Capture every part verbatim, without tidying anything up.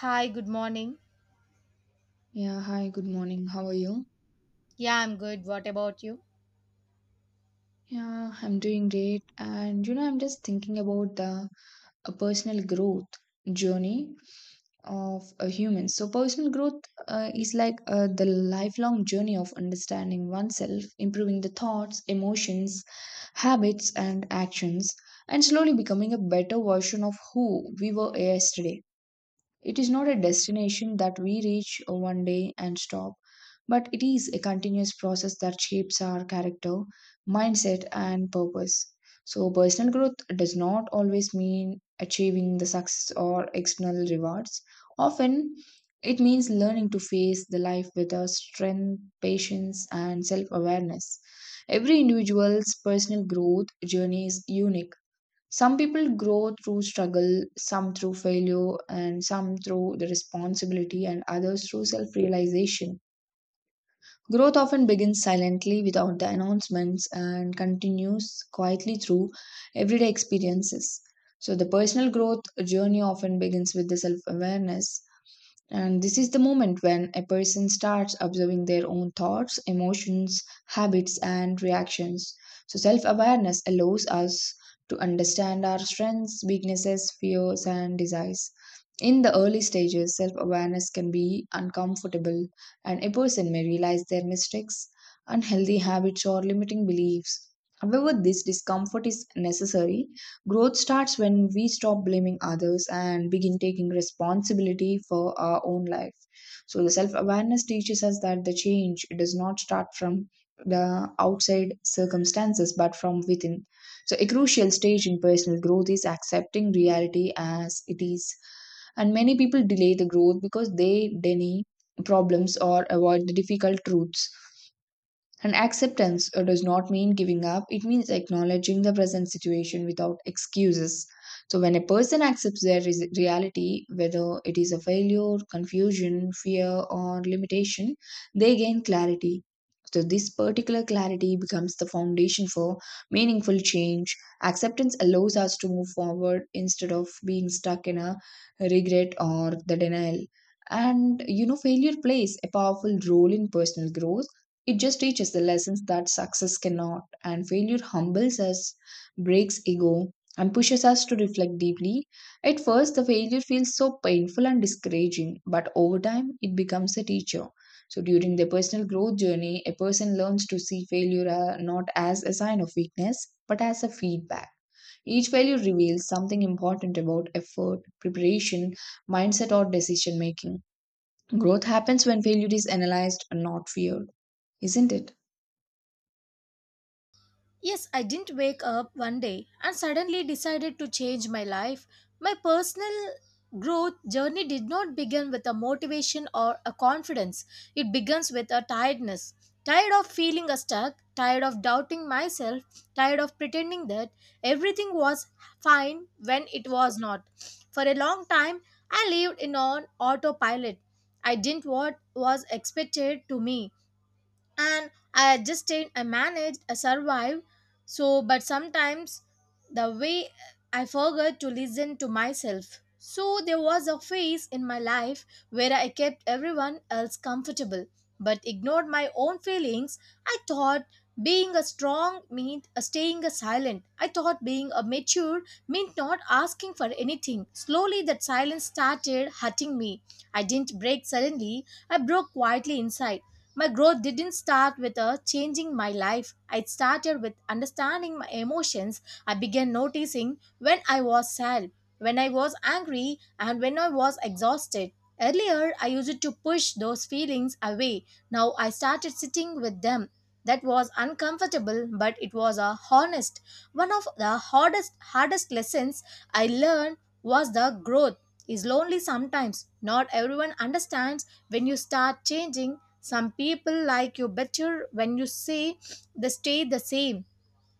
Hi, good morning. Yeah, hi, good morning. How are you? Yeah, I'm good. What about you? Yeah, I'm doing great. And you know, I'm just thinking about the uh, personal growth journey of a human. So, personal growth uh, is like uh, the lifelong journey of understanding oneself, improving the thoughts, emotions, habits, and actions, and slowly becoming a better version of who we were yesterday. It is not a destination that we reach one day and stop, but it is a continuous process that shapes our character, mindset, and purpose. So, personal growth does not always mean achieving the success or external rewards. Often, it means learning to face the life with a strength, patience, and self awareness. Every individual's personal growth journey is unique. Some people grow through struggle, some through failure, and some through the responsibility, and others through self realization. Growth often begins silently without the announcements and continues quietly through everyday experiences. So, the personal growth journey often begins with the self awareness, and this is the moment when a person starts observing their own thoughts, emotions, habits, and reactions. So, self awareness allows us to understand our strengths, weaknesses, fears, and desires. In the early stages, self awareness can be uncomfortable, and a person may realize their mistakes, unhealthy habits, or limiting beliefs. However, this discomfort is necessary. Growth starts when we stop blaming others and begin taking responsibility for our own life. So, the self awareness teaches us that the change does not start from the outside circumstances but from within. So, a crucial stage in personal growth is accepting reality as it is. And many people delay the growth because they deny problems or avoid the difficult truths. And acceptance uh, does not mean giving up, it means acknowledging the present situation without excuses. So, when a person accepts their res- reality, whether it is a failure, confusion, fear, or limitation, they gain clarity. So, this particular clarity becomes the foundation for meaningful change. Acceptance allows us to move forward instead of being stuck in a regret or the denial. And you know, failure plays a powerful role in personal growth. It just teaches the lessons that success cannot, and failure humbles us, breaks ego, and pushes us to reflect deeply. At first, the failure feels so painful and discouraging, but over time, it becomes a teacher. So, during their personal growth journey, a person learns to see failure uh, not as a sign of weakness, but as a feedback. Each failure reveals something important about effort, preparation, mindset, or decision making. Growth happens when failure is analyzed, not feared, isn't it? Yes, I didn't wake up one day and suddenly decided to change my life. My personal growth journey did not begin with a motivation or a confidence. It begins with a tiredness. Tired of feeling stuck, tired of doubting myself, tired of pretending that everything was fine when it was not. For a long time, I lived in on autopilot. I didn't what was expected to me, and I adjusted, I managed, I survived. So, but sometimes the way I forgot to listen to myself. So, there was a phase in my life where I kept everyone else comfortable but ignored my own feelings. I thought being a strong meant staying a silent. I thought being a mature meant not asking for anything. Slowly, that silence started hurting me. I didn't break suddenly, I broke quietly inside. My growth didn't start with a changing my life. It started with understanding my emotions. I began noticing when I was sad, when I was angry, and when I was exhausted. Earlier, I used to push those feelings away. Now I started sitting with them. That was uncomfortable, but it was a honest. One of the hardest hardest lessons I learned was the growth is lonely sometimes. Not everyone understands when you start changing. Some people like you better when you say they stay the same.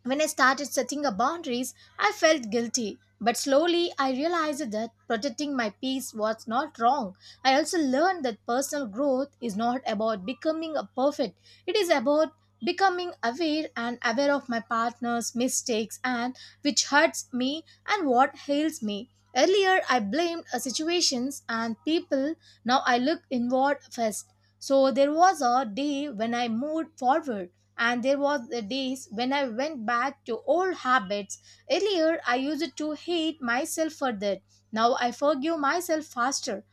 When I started setting up boundaries, I felt guilty. But slowly, I realized that protecting my peace was not wrong. I also learned that personal growth is not about becoming a perfect, it is about becoming aware and aware of my partner's mistakes and which hurts me and what heals me. Earlier, I blamed uh, situations and people. Now I look inward first. So there was a day when I moved forward, and there was the days when I went back to old habits. Earlier I used to hate myself for that. Now I forgive myself faster.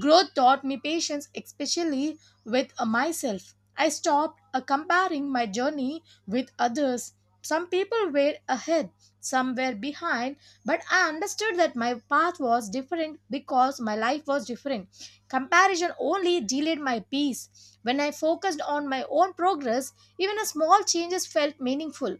Growth taught me patience, especially with uh, myself. I stopped uh, comparing my journey with others. Some people were ahead, some were behind, but I understood that my path was different because my life was different. Comparison only delayed my peace. When I focused on my own progress, even a small changes felt meaningful.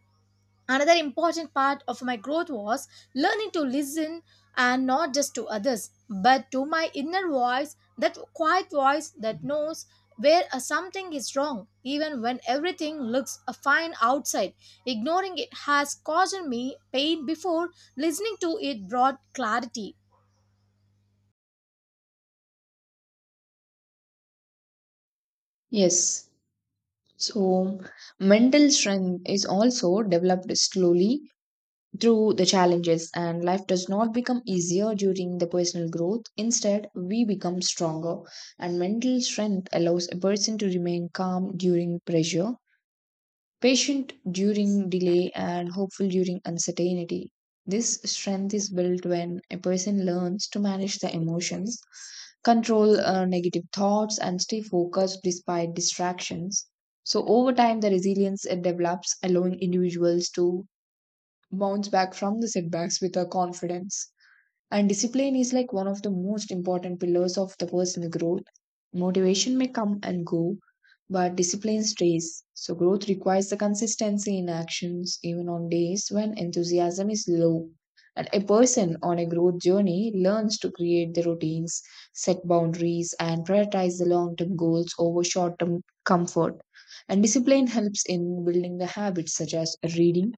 Another important part of my growth was learning to listen, and not just to others, but to my inner voice, that quiet voice that knows where uh, something is wrong, even when everything looks uh, fine outside. Ignoring it has caused me pain before. Listening to it brought clarity. Yes. So mental strength is also developed slowly through the challenges, and life does not become easier during the personal growth. Instead, we become stronger, and mental strength allows a person to remain calm during pressure, patient during delay, and hopeful during uncertainty. This strength is built when a person learns to manage the emotions, control uh, negative thoughts, and stay focused despite distractions. So, over time, the resilience it develops, allowing individuals to bounce back from the setbacks with a confidence. And discipline is like one of the most important pillars of the personal growth. Motivation may come and go, but discipline stays. So, growth requires the consistency in actions, even on days when enthusiasm is low. And a person on a growth journey learns to create the routines, set boundaries, and prioritize the long term goals over short term comfort. And discipline helps in building the habits such as reading,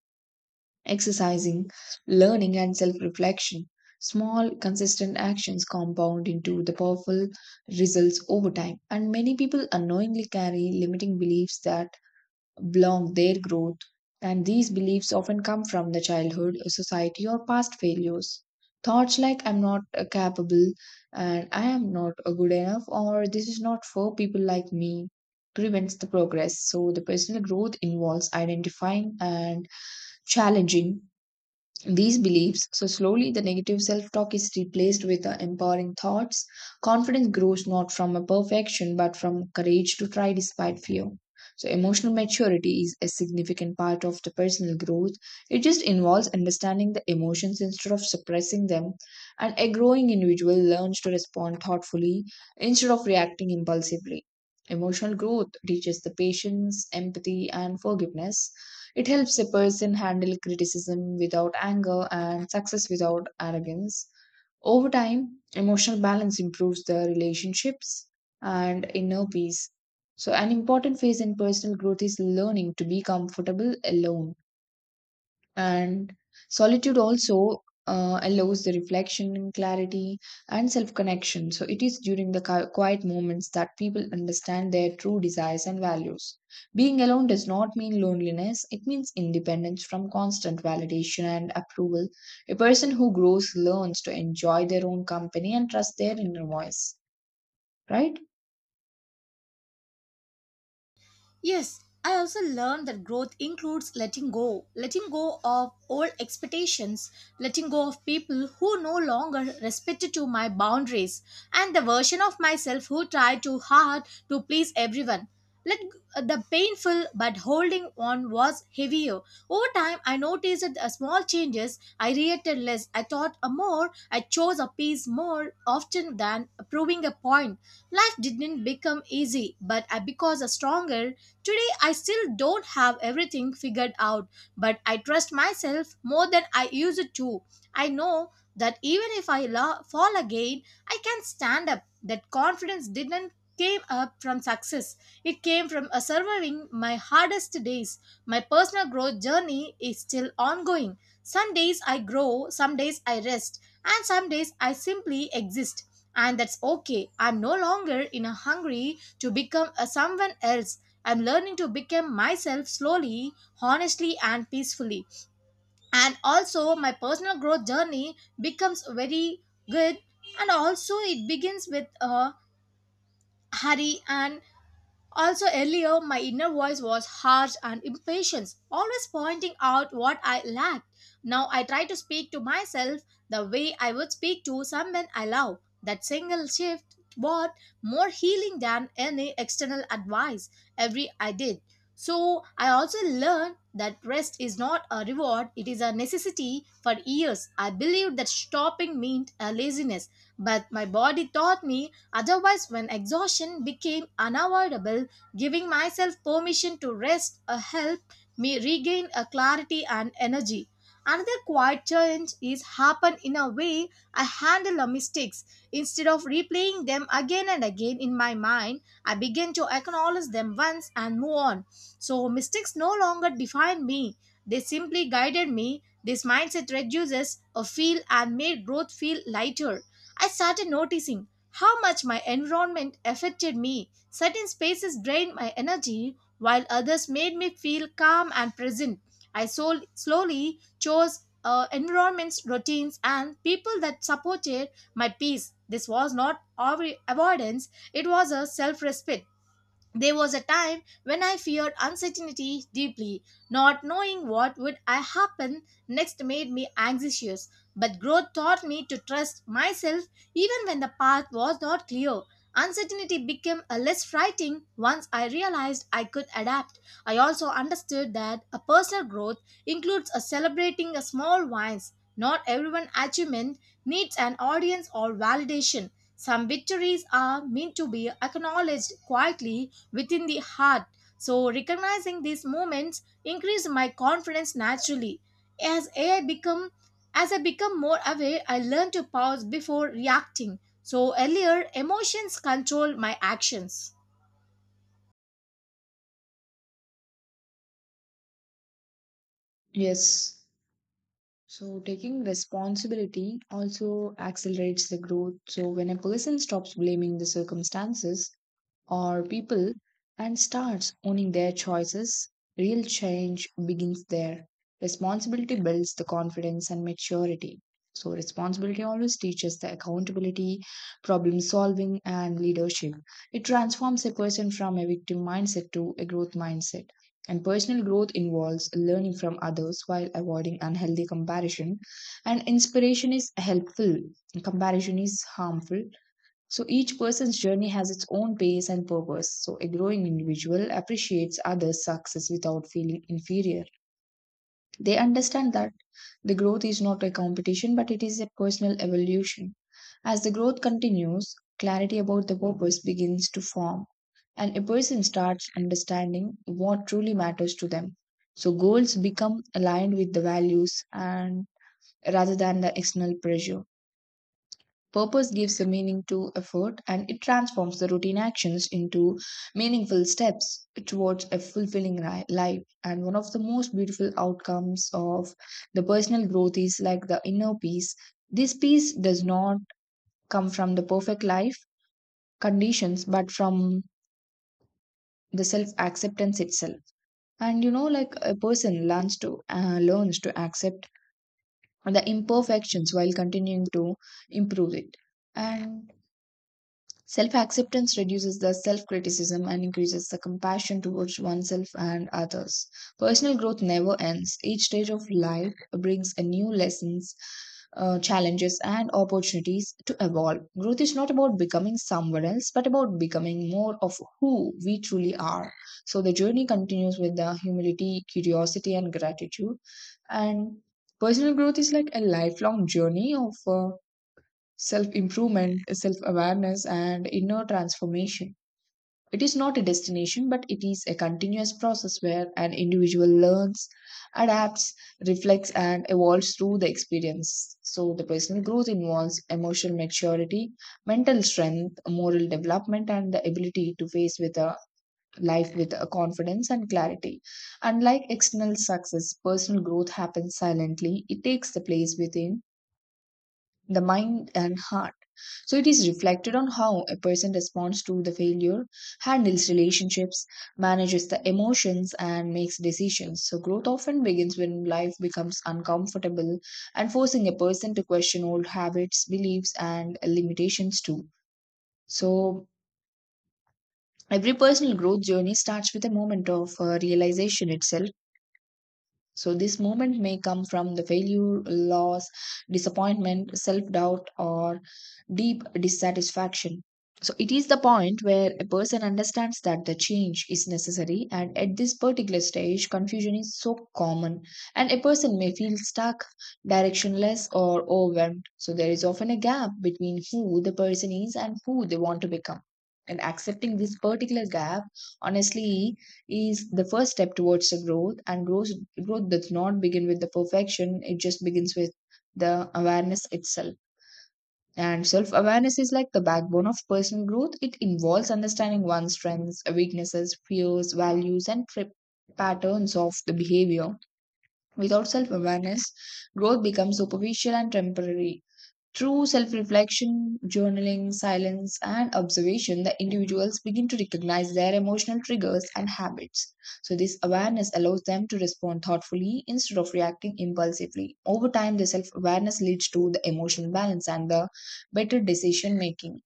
exercising, learning, and self reflection. Small, consistent actions compound into the powerful results over time, and many people unknowingly carry limiting beliefs that block their growth. And these beliefs often come from the childhood, society, or past failures. Thoughts like I'm not uh, capable, and I am not uh, good enough, or this is not for people like me, prevents the progress. So, the personal growth involves identifying and challenging these beliefs. So slowly the negative self-talk is replaced with the empowering thoughts. Confidence grows not from a perfection but from courage to try despite fear. So emotional maturity is a significant part of the personal growth. It just involves understanding the emotions instead of suppressing them. And a growing individual learns to respond thoughtfully instead of reacting impulsively. Emotional growth teaches the patience, empathy, and forgiveness. It helps a person handle criticism without anger and success without arrogance. Over time, emotional balance improves the relationships and inner peace. So, an important phase in personal growth is learning to be comfortable alone. And solitude also uh, allows the reflection and clarity and self connection. So it is during the qui- quiet moments that people understand their true desires and values. Being alone does not mean loneliness, it means independence from constant validation and approval. A person who grows learns to enjoy their own company and trust their inner voice, right? Yes, I also learned that growth includes letting go, letting go of old expectations, letting go of people who no longer respected to my boundaries, and the version of myself who tried too hard to please everyone. Let g- the painful but holding on was heavier. Over time, I noticed that the small changes. I reacted less, I thought a more, I chose a piece more often than proving a point. Life didn't become easy, but I because a stronger. Today, I still don't have everything figured out, but I trust myself more than I used to. I know that even if I lo- fall again, I can stand up. That confidence didn't came up from success. It came from uh, surviving my hardest days. My personal growth journey is still ongoing. Some days I grow, some days I rest, and some days I simply exist. And that's okay. I'm no longer in a hungry to become a someone else. I'm learning to become myself slowly, honestly, and peacefully. And also, my personal growth journey becomes very good. And also, it begins with a hurry, and also, earlier, my inner voice was harsh and impatient, always pointing out what I lacked. Now I try to speak to myself the way I would speak to someone I love. That single shift brought more healing than any external advice every I did. So I also learned that rest is not a reward, it is a necessity for years. I believed that stopping meant a laziness, but my body taught me otherwise when exhaustion became unavoidable. Giving myself permission to rest uh, helped me regain a clarity and energy. Another quiet change is happen in a way I handle a mistakes. Instead of replaying them again and again in my mind, I begin to acknowledge them once and move on. So mistakes no longer define me. They simply guided me. This mindset reduces a feel and made growth feel lighter. I started noticing how much my environment affected me. Certain spaces drained my energy, while others made me feel calm and present. I sol- slowly chose uh, environments, routines, and people that supported my peace. This was not av- avoidance, it was a self respect. There was a time when I feared uncertainty deeply. Not knowing what would I happen next made me anxious, but growth taught me to trust myself even when the path was not clear. Uncertainty became a less frightening once I realized I could adapt. I also understood that a personal growth includes a celebrating a small wins. Not everyone achievement needs an audience or validation. Some victories are meant to be acknowledged quietly within the heart. So, recognizing these moments increased my confidence naturally. As I become as I become more aware, I learn to pause before reacting. So, earlier emotions control my actions. Yes. So, taking responsibility also accelerates the growth. So, when a person stops blaming the circumstances or people and starts owning their choices, real change begins there. Responsibility builds the confidence and maturity. So, responsibility always teaches the accountability, problem solving, and leadership. It transforms a person from a victim mindset to a growth mindset. And personal growth involves learning from others while avoiding unhealthy comparison. And inspiration is helpful, comparison is harmful, so each person's journey has its own pace and purpose. So a growing individual appreciates others' success without feeling inferior. They understand that the growth is not a competition, but it is a personal evolution. As the growth continues, clarity about the purpose begins to form, and a person starts understanding what truly matters to them. So goals become aligned with the values and rather than the external pressure. Purpose gives a meaning to effort, and it transforms the routine actions into meaningful steps towards a fulfilling ri- life. And one of the most beautiful outcomes of the personal growth is like the inner peace. This peace does not come from the perfect life conditions, but from the self acceptance itself. And you know, like a person learns to uh, learns to accept the imperfections while continuing to improve it. And self acceptance reduces the self criticism and increases the compassion towards oneself and others. Personal growth never ends. Each stage of life brings a new lessons, uh, challenges, and opportunities to evolve. Growth is not about becoming someone else, but about becoming more of who we truly are. So the journey continues with the humility, curiosity, and gratitude. And personal growth is like a lifelong journey of Uh, self improvement, self awareness, and inner transformation. It is not a destination, but it is a continuous process where an individual learns, adapts, reflects, and evolves through the experience. So, the personal growth involves emotional maturity, mental strength, moral development, and the ability to face with a life with a confidence and clarity. Unlike external success, personal growth happens silently. It takes the place within the mind and heart. So it is reflected on how a person responds to the failure, handles relationships, manages the emotions, and makes decisions. So growth often begins when life becomes uncomfortable and forcing a person to question old habits, beliefs, and limitations too. So every personal growth journey starts with a moment of uh, realization itself. So, this moment may come from the failure, loss, disappointment, self doubt, or deep dissatisfaction. So, it is the point where a person understands that the change is necessary, and at this particular stage, confusion is so common, and a person may feel stuck, directionless, or overwhelmed. So, there is often a gap between who the person is and who they want to become. And accepting this particular gap honestly is the first step towards the growth. And growth, growth does not begin with the perfection. It just begins with the awareness itself. And self awareness is like the backbone of personal growth. It involves understanding one's strengths, weaknesses, fears, values, and trip patterns of the behavior. Without self awareness, growth becomes superficial and temporary. Through self reflection, journaling, silence, and observation, the individuals begin to recognize their emotional triggers and habits. So, this awareness allows them to respond thoughtfully instead of reacting impulsively. Over time, the self awareness leads to the emotional balance and the better decision making.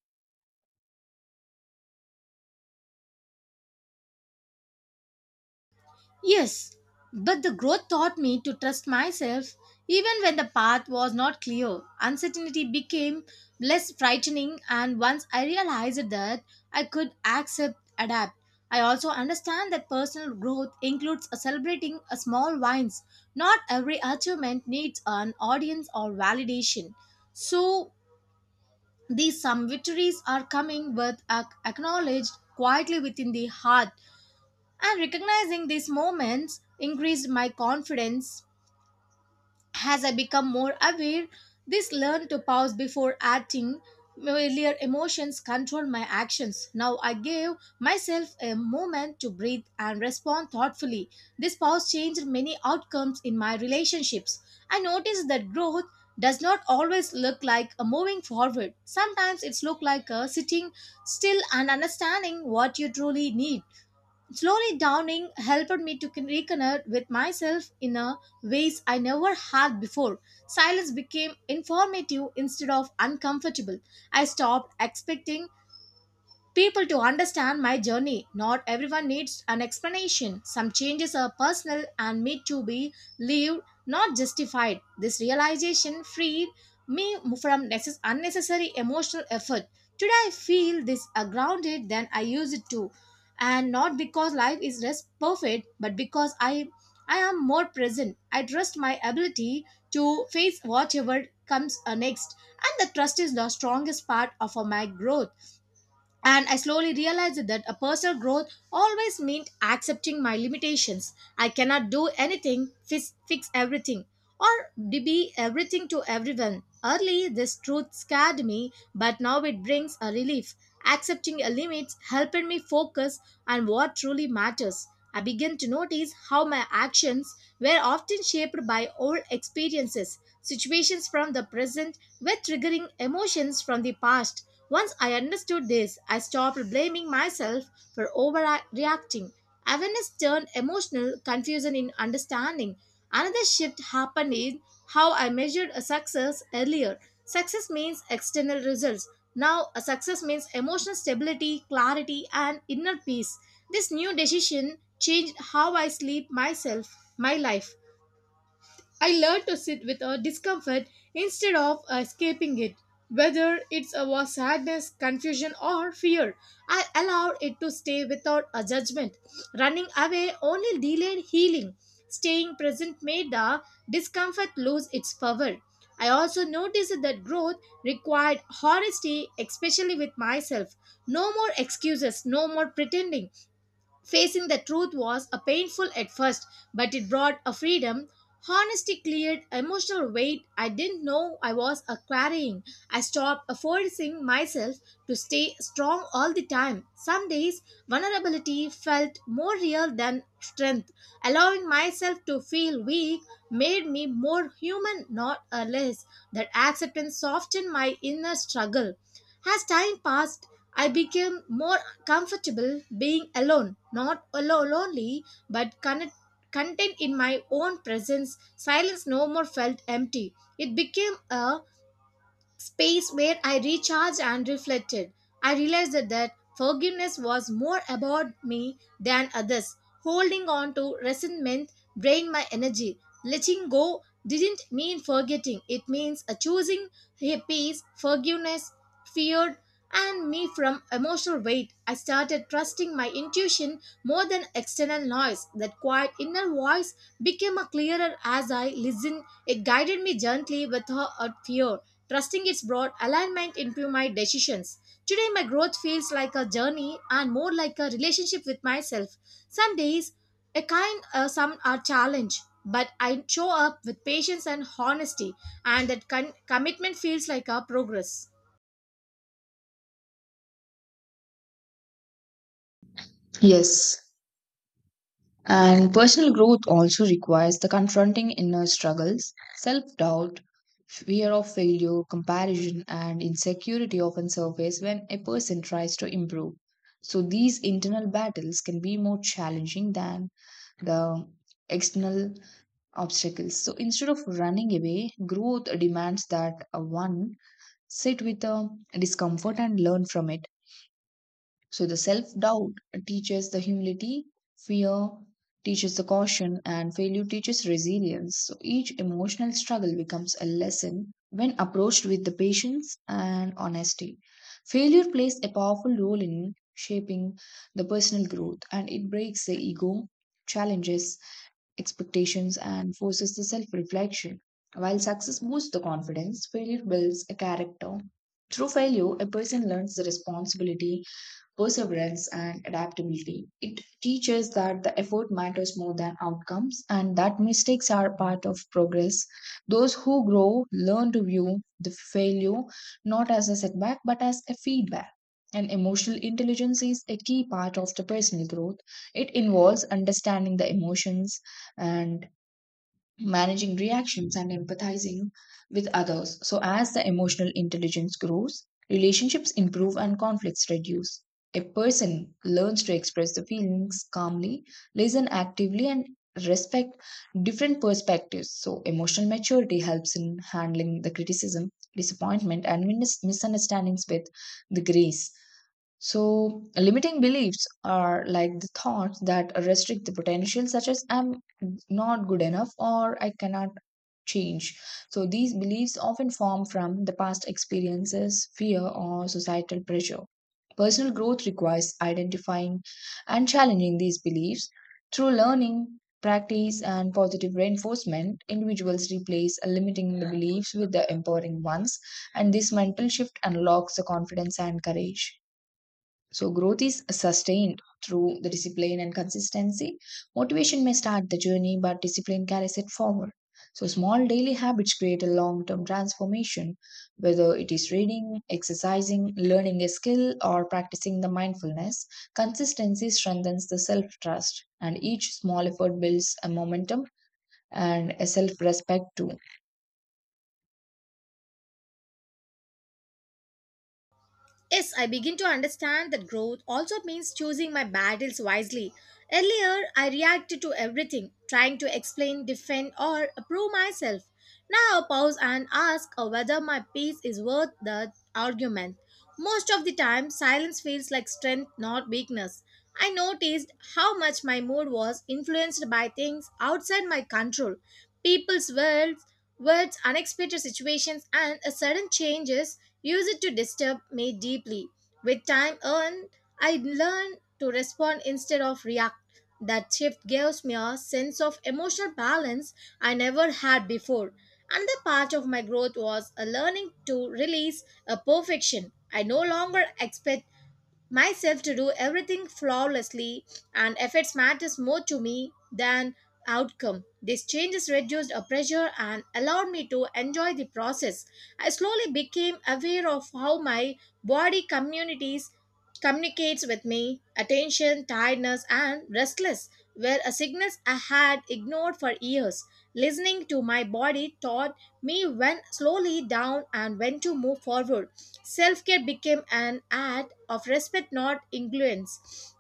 Yes, but the growth taught me to trust myself even when the path was not clear. Uncertainty became less frightening, and once I realized that I could accept, adapt. I also understand that personal growth includes celebrating a small wins. Not every achievement needs an audience or validation. So, these some victories are coming with ac- acknowledged quietly within the heart, and recognizing these moments increased my confidence as I become more aware. This learn to pause before acting. Earlier emotions control my actions. Now I gave myself a moment to breathe and respond thoughtfully. This pause changed many outcomes in my relationships. I noticed that growth does not always look like a moving forward. Sometimes it's look like a sitting still and understanding what you truly need. Slowly downing helped me to con- reconnect with myself in a ways I never had before. Silence became informative instead of uncomfortable. I stopped expecting people to understand my journey. Not everyone needs an explanation. Some changes are personal and need to be lived, not justified. This realization freed me from necess- unnecessary emotional effort. Today I feel this uh, grounded than I used to, and not because life is less perfect, but because I I am more present. I trust my ability to face whatever comes uh, next, and the trust is the strongest part of uh, my growth, and I slowly realized that a personal growth always meant accepting my limitations. I cannot do anything, fix, fix everything, or be everything to everyone. Early, this truth scared me, but now it brings a relief. Accepting a limits helped me focus on what truly matters. I began to notice how my actions were often shaped by old experiences, situations from the present were triggering emotions from the past. Once I understood this, I stopped blaming myself for overreacting. Awareness turned emotional confusion in understanding. Another shift happened in how I measured a success earlier. Success means external results. Now, a success means emotional stability, clarity, and inner peace. This new decision changed how I sleep myself, my life. I learn to sit with a discomfort instead of escaping it. Whether it's our sadness, confusion, or fear, I allow it to stay without a judgment. Running away only delayed healing. Staying present made the discomfort lose its power. I also noticed that growth required honesty, especially with myself. No more excuses, no more pretending. Facing the truth was a painful at first, but it brought a freedom. Honesty cleared emotional weight I didn't know I was a carrying. I stopped forcing myself to stay strong all the time. Some days, vulnerability felt more real than strength. Allowing myself to feel weak made me more human, not a less. That acceptance softened my inner struggle. As time passed, I became more comfortable being alone, not alone lonely, but connect, content in my own presence. Silence no more felt empty. It became a space where I recharged and reflected. I realized that, that forgiveness was more about me than others. Holding on to resentment drained my energy. Letting go didn't mean forgetting, it means a choosing peace, forgiveness, fear, and me from emotional weight. I started trusting my intuition more than external noise. That quiet inner voice became a clearer as I listened. It guided me gently without fear, trusting its broad alignment into my decisions. Today, my growth feels like a journey and more like a relationship with myself. Some days, a kind, uh, some are challenge, but I show up with patience and honesty, and that con- commitment feels like a progress. Yes. And personal growth also requires the confronting inner struggles. Self doubt, fear of failure, comparison, and insecurity often surface when a person tries to improve. So, these internal battles can be more challenging than the external obstacles. So, instead of running away, growth demands that uh, one sit with the discomfort and learn from it. So the self-doubt teaches the humility, fear teaches the caution, and failure teaches resilience. So each emotional struggle becomes a lesson when approached with the patience and honesty. Failure plays a powerful role in shaping the personal growth, and it breaks the ego, challenges expectations, and forces the self-reflection. While success boosts the confidence, failure builds a character. Through failure, a person learns the responsibility, perseverance, and adaptability. It teaches that the effort matters more than outcomes and that mistakes are part of progress. Those who grow learn to view the failure not as a setback but as a feedback. And emotional intelligence is a key part of the personal growth. It involves understanding the emotions and managing reactions and empathizing with others. So, as the emotional intelligence grows, relationships improve and conflicts reduce. A person learns to express the feelings calmly, listen actively, and respect different perspectives. So, emotional maturity helps in handling the criticism, disappointment, and mis- misunderstandings with the grace. So, limiting beliefs are like the thoughts that restrict the potential, such as I'm not good enough or I cannot change. So, these beliefs often form from the past experiences, fear, or societal pressure. Personal growth requires identifying and challenging these beliefs. Through learning, practice, and positive reinforcement, individuals replace limiting the beliefs with the empowering ones, and this mental shift unlocks the confidence and courage. So, growth is sustained through the discipline and consistency. Motivation may start the journey, but discipline carries it forward. So, small daily habits create a long term transformation, whether it is reading, exercising, learning a skill, or practicing the mindfulness. Consistency strengthens the self trust, and each small effort builds a momentum and a self respect too. Yes, I begin to understand that growth also means choosing my battles wisely. Earlier, I reacted to everything, trying to explain, defend, or prove myself. Now, I pause and ask whether my peace is worth the argument. Most of the time, silence feels like strength, not weakness. I noticed how much my mood was influenced by things outside my control, people's world, words, unexpected situations, and a sudden changes use it to disturb me deeply. With time earned, I learn to respond instead of react. That shift gives me a sense of emotional balance I never had before. Another part of my growth was a learning to release a perfection. I no longer expect myself to do everything flawlessly, and efforts matters more to me than outcome. These changes reduced a pressure and allowed me to enjoy the process. I slowly became aware of how my body communities communicates with me. Attention, tiredness, and restless were a signals I had ignored for years. Listening to my body taught me went slowly down and went to move forward. Self care became an act of respect, not influence.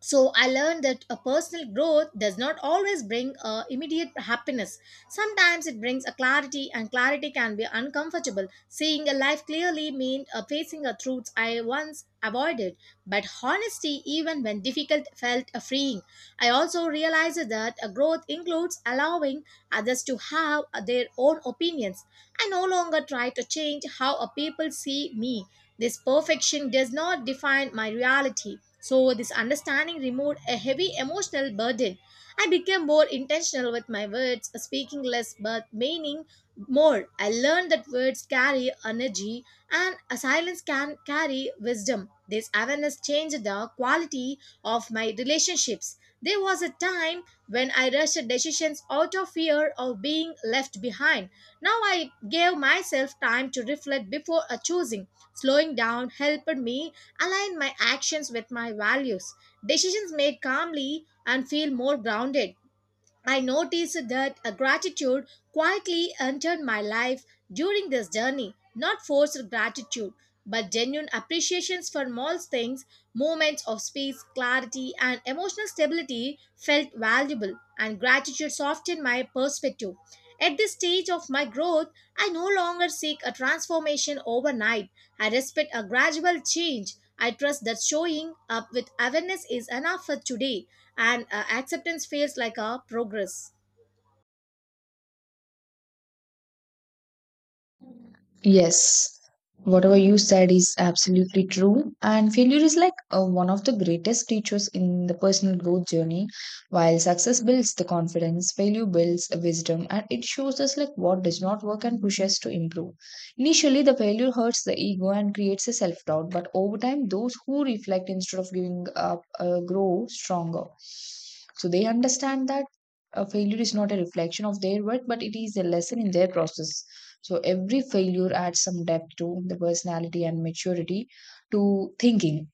So I learned that a personal growth does not always bring uh, immediate happiness. Sometimes it brings a clarity, and clarity can be uncomfortable. Seeing a life clearly means uh, facing a truths I once avoided, but honesty, even when difficult, felt uh, freeing. I also realized that a growth includes allowing others to have uh, their own opinions. I no longer try to change how a people see me. This perfection does not define my reality. So, this understanding removed a heavy emotional burden. I became more intentional with my words, speaking less but meaning more. I learned that words carry energy and a silence can carry wisdom. This awareness changed the quality of my relationships. There was a time when I rushed decisions out of fear of being left behind. Now I gave myself time to reflect before uh, choosing. Slowing down helped me align my actions with my values. Decisions made calmly and feel more grounded. I noticed that a gratitude quietly entered my life during this journey. Not forced gratitude, but genuine appreciations for small things, moments of space, clarity, and emotional stability felt valuable, and gratitude softened my perspective. At this stage of my growth, I no longer seek a transformation overnight. I respect a gradual change. I trust that showing up with awareness is enough for today, and uh, acceptance feels like a progress. Yes, whatever you said is absolutely true. And failure is like uh, one of the greatest teachers in the personal growth journey. While success builds the confidence, failure builds a wisdom and it shows us like what does not work and pushes to improve. Initially, the failure hurts the ego and creates a self doubt, but over time, those who reflect instead of giving up uh, grow stronger. So they understand that a failure is not a reflection of their work, but it is a lesson in their process. So every failure adds some depth to the personality and maturity to thinking.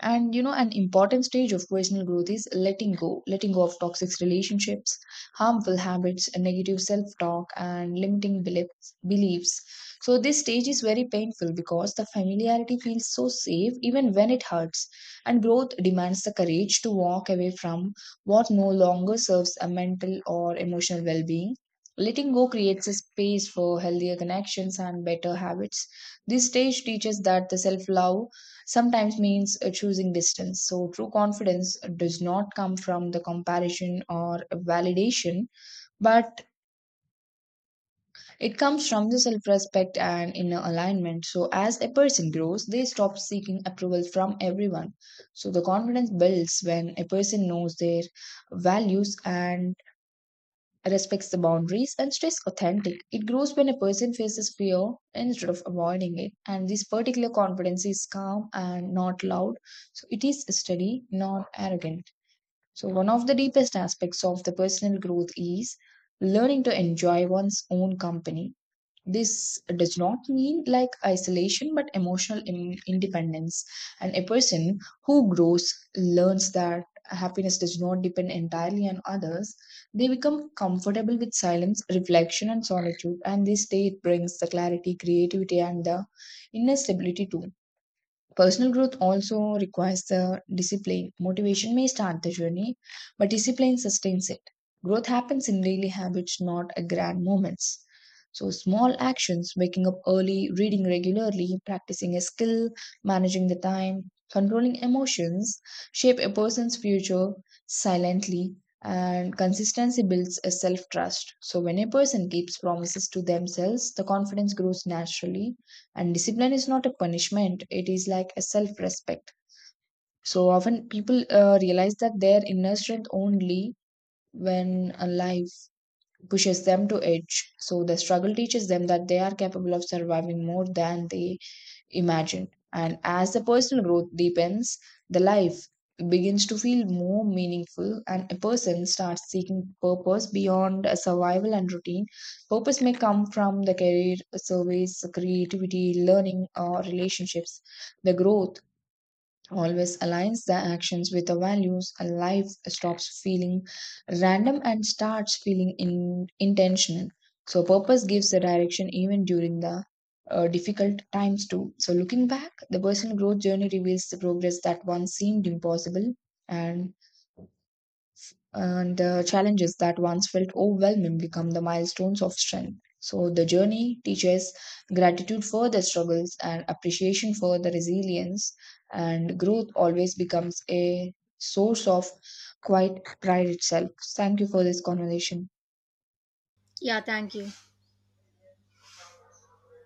And you know an important stage of personal growth is letting go, letting go of toxic relationships, harmful habits, negative self talk, and limiting beliefs beliefs so this stage is very painful because the familiarity feels so safe even when it hurts, and growth demands the courage to walk away from what no longer serves a mental or emotional well-being. Letting go creates a space for healthier connections and better habits. This stage teaches that the self love sometimes means uh, choosing distance. So, true confidence does not come from the comparison or validation, but it comes from the self respect and inner alignment. So, as a person grows, they stop seeking approval from everyone. So, the confidence builds when a person knows their values and respects the boundaries and stays authentic. It grows when a person faces fear instead of avoiding it. And this particular confidence is calm and not loud. So it is steady, not arrogant. So one of the deepest aspects of the personal growth is learning to enjoy one's own company. This does not mean like isolation but emotional in- independence. And a person who grows learns that happiness does not depend entirely on others. They become comfortable with silence, reflection, and solitude, and this state brings the clarity, creativity, and the inner stability too. Personal growth also requires the discipline. Motivation may start the journey, but discipline sustains it. Growth happens in daily habits, not a grand moments. So, small actions, waking up early, reading regularly, practicing a skill, managing the time, controlling emotions, shape a person's future silently, and consistency builds a self trust. So, when a person keeps promises to themselves, the confidence grows naturally and discipline is not a punishment, it is like a self respect. So often people uh, realize that their inner strength only when a life pushes them to edge. So the struggle teaches them that they are capable of surviving more than they imagined. And as the personal growth deepens, the life begins to feel more meaningful, and a person starts seeking purpose beyond a survival and routine. Purpose may come from the career, service, creativity, learning, or relationships. The growth always aligns the actions with the values and life stops feeling random and starts feeling in, intentional. So purpose gives the direction even during the uh, difficult times too. So looking back, the personal growth journey reveals the progress that once seemed impossible, and and the challenges that once felt overwhelming become the milestones of strength. So the journey teaches gratitude for the struggles and appreciation for the resilience, and growth always becomes a source of quite pride itself. Thank you for this conversation. Yeah, thank you.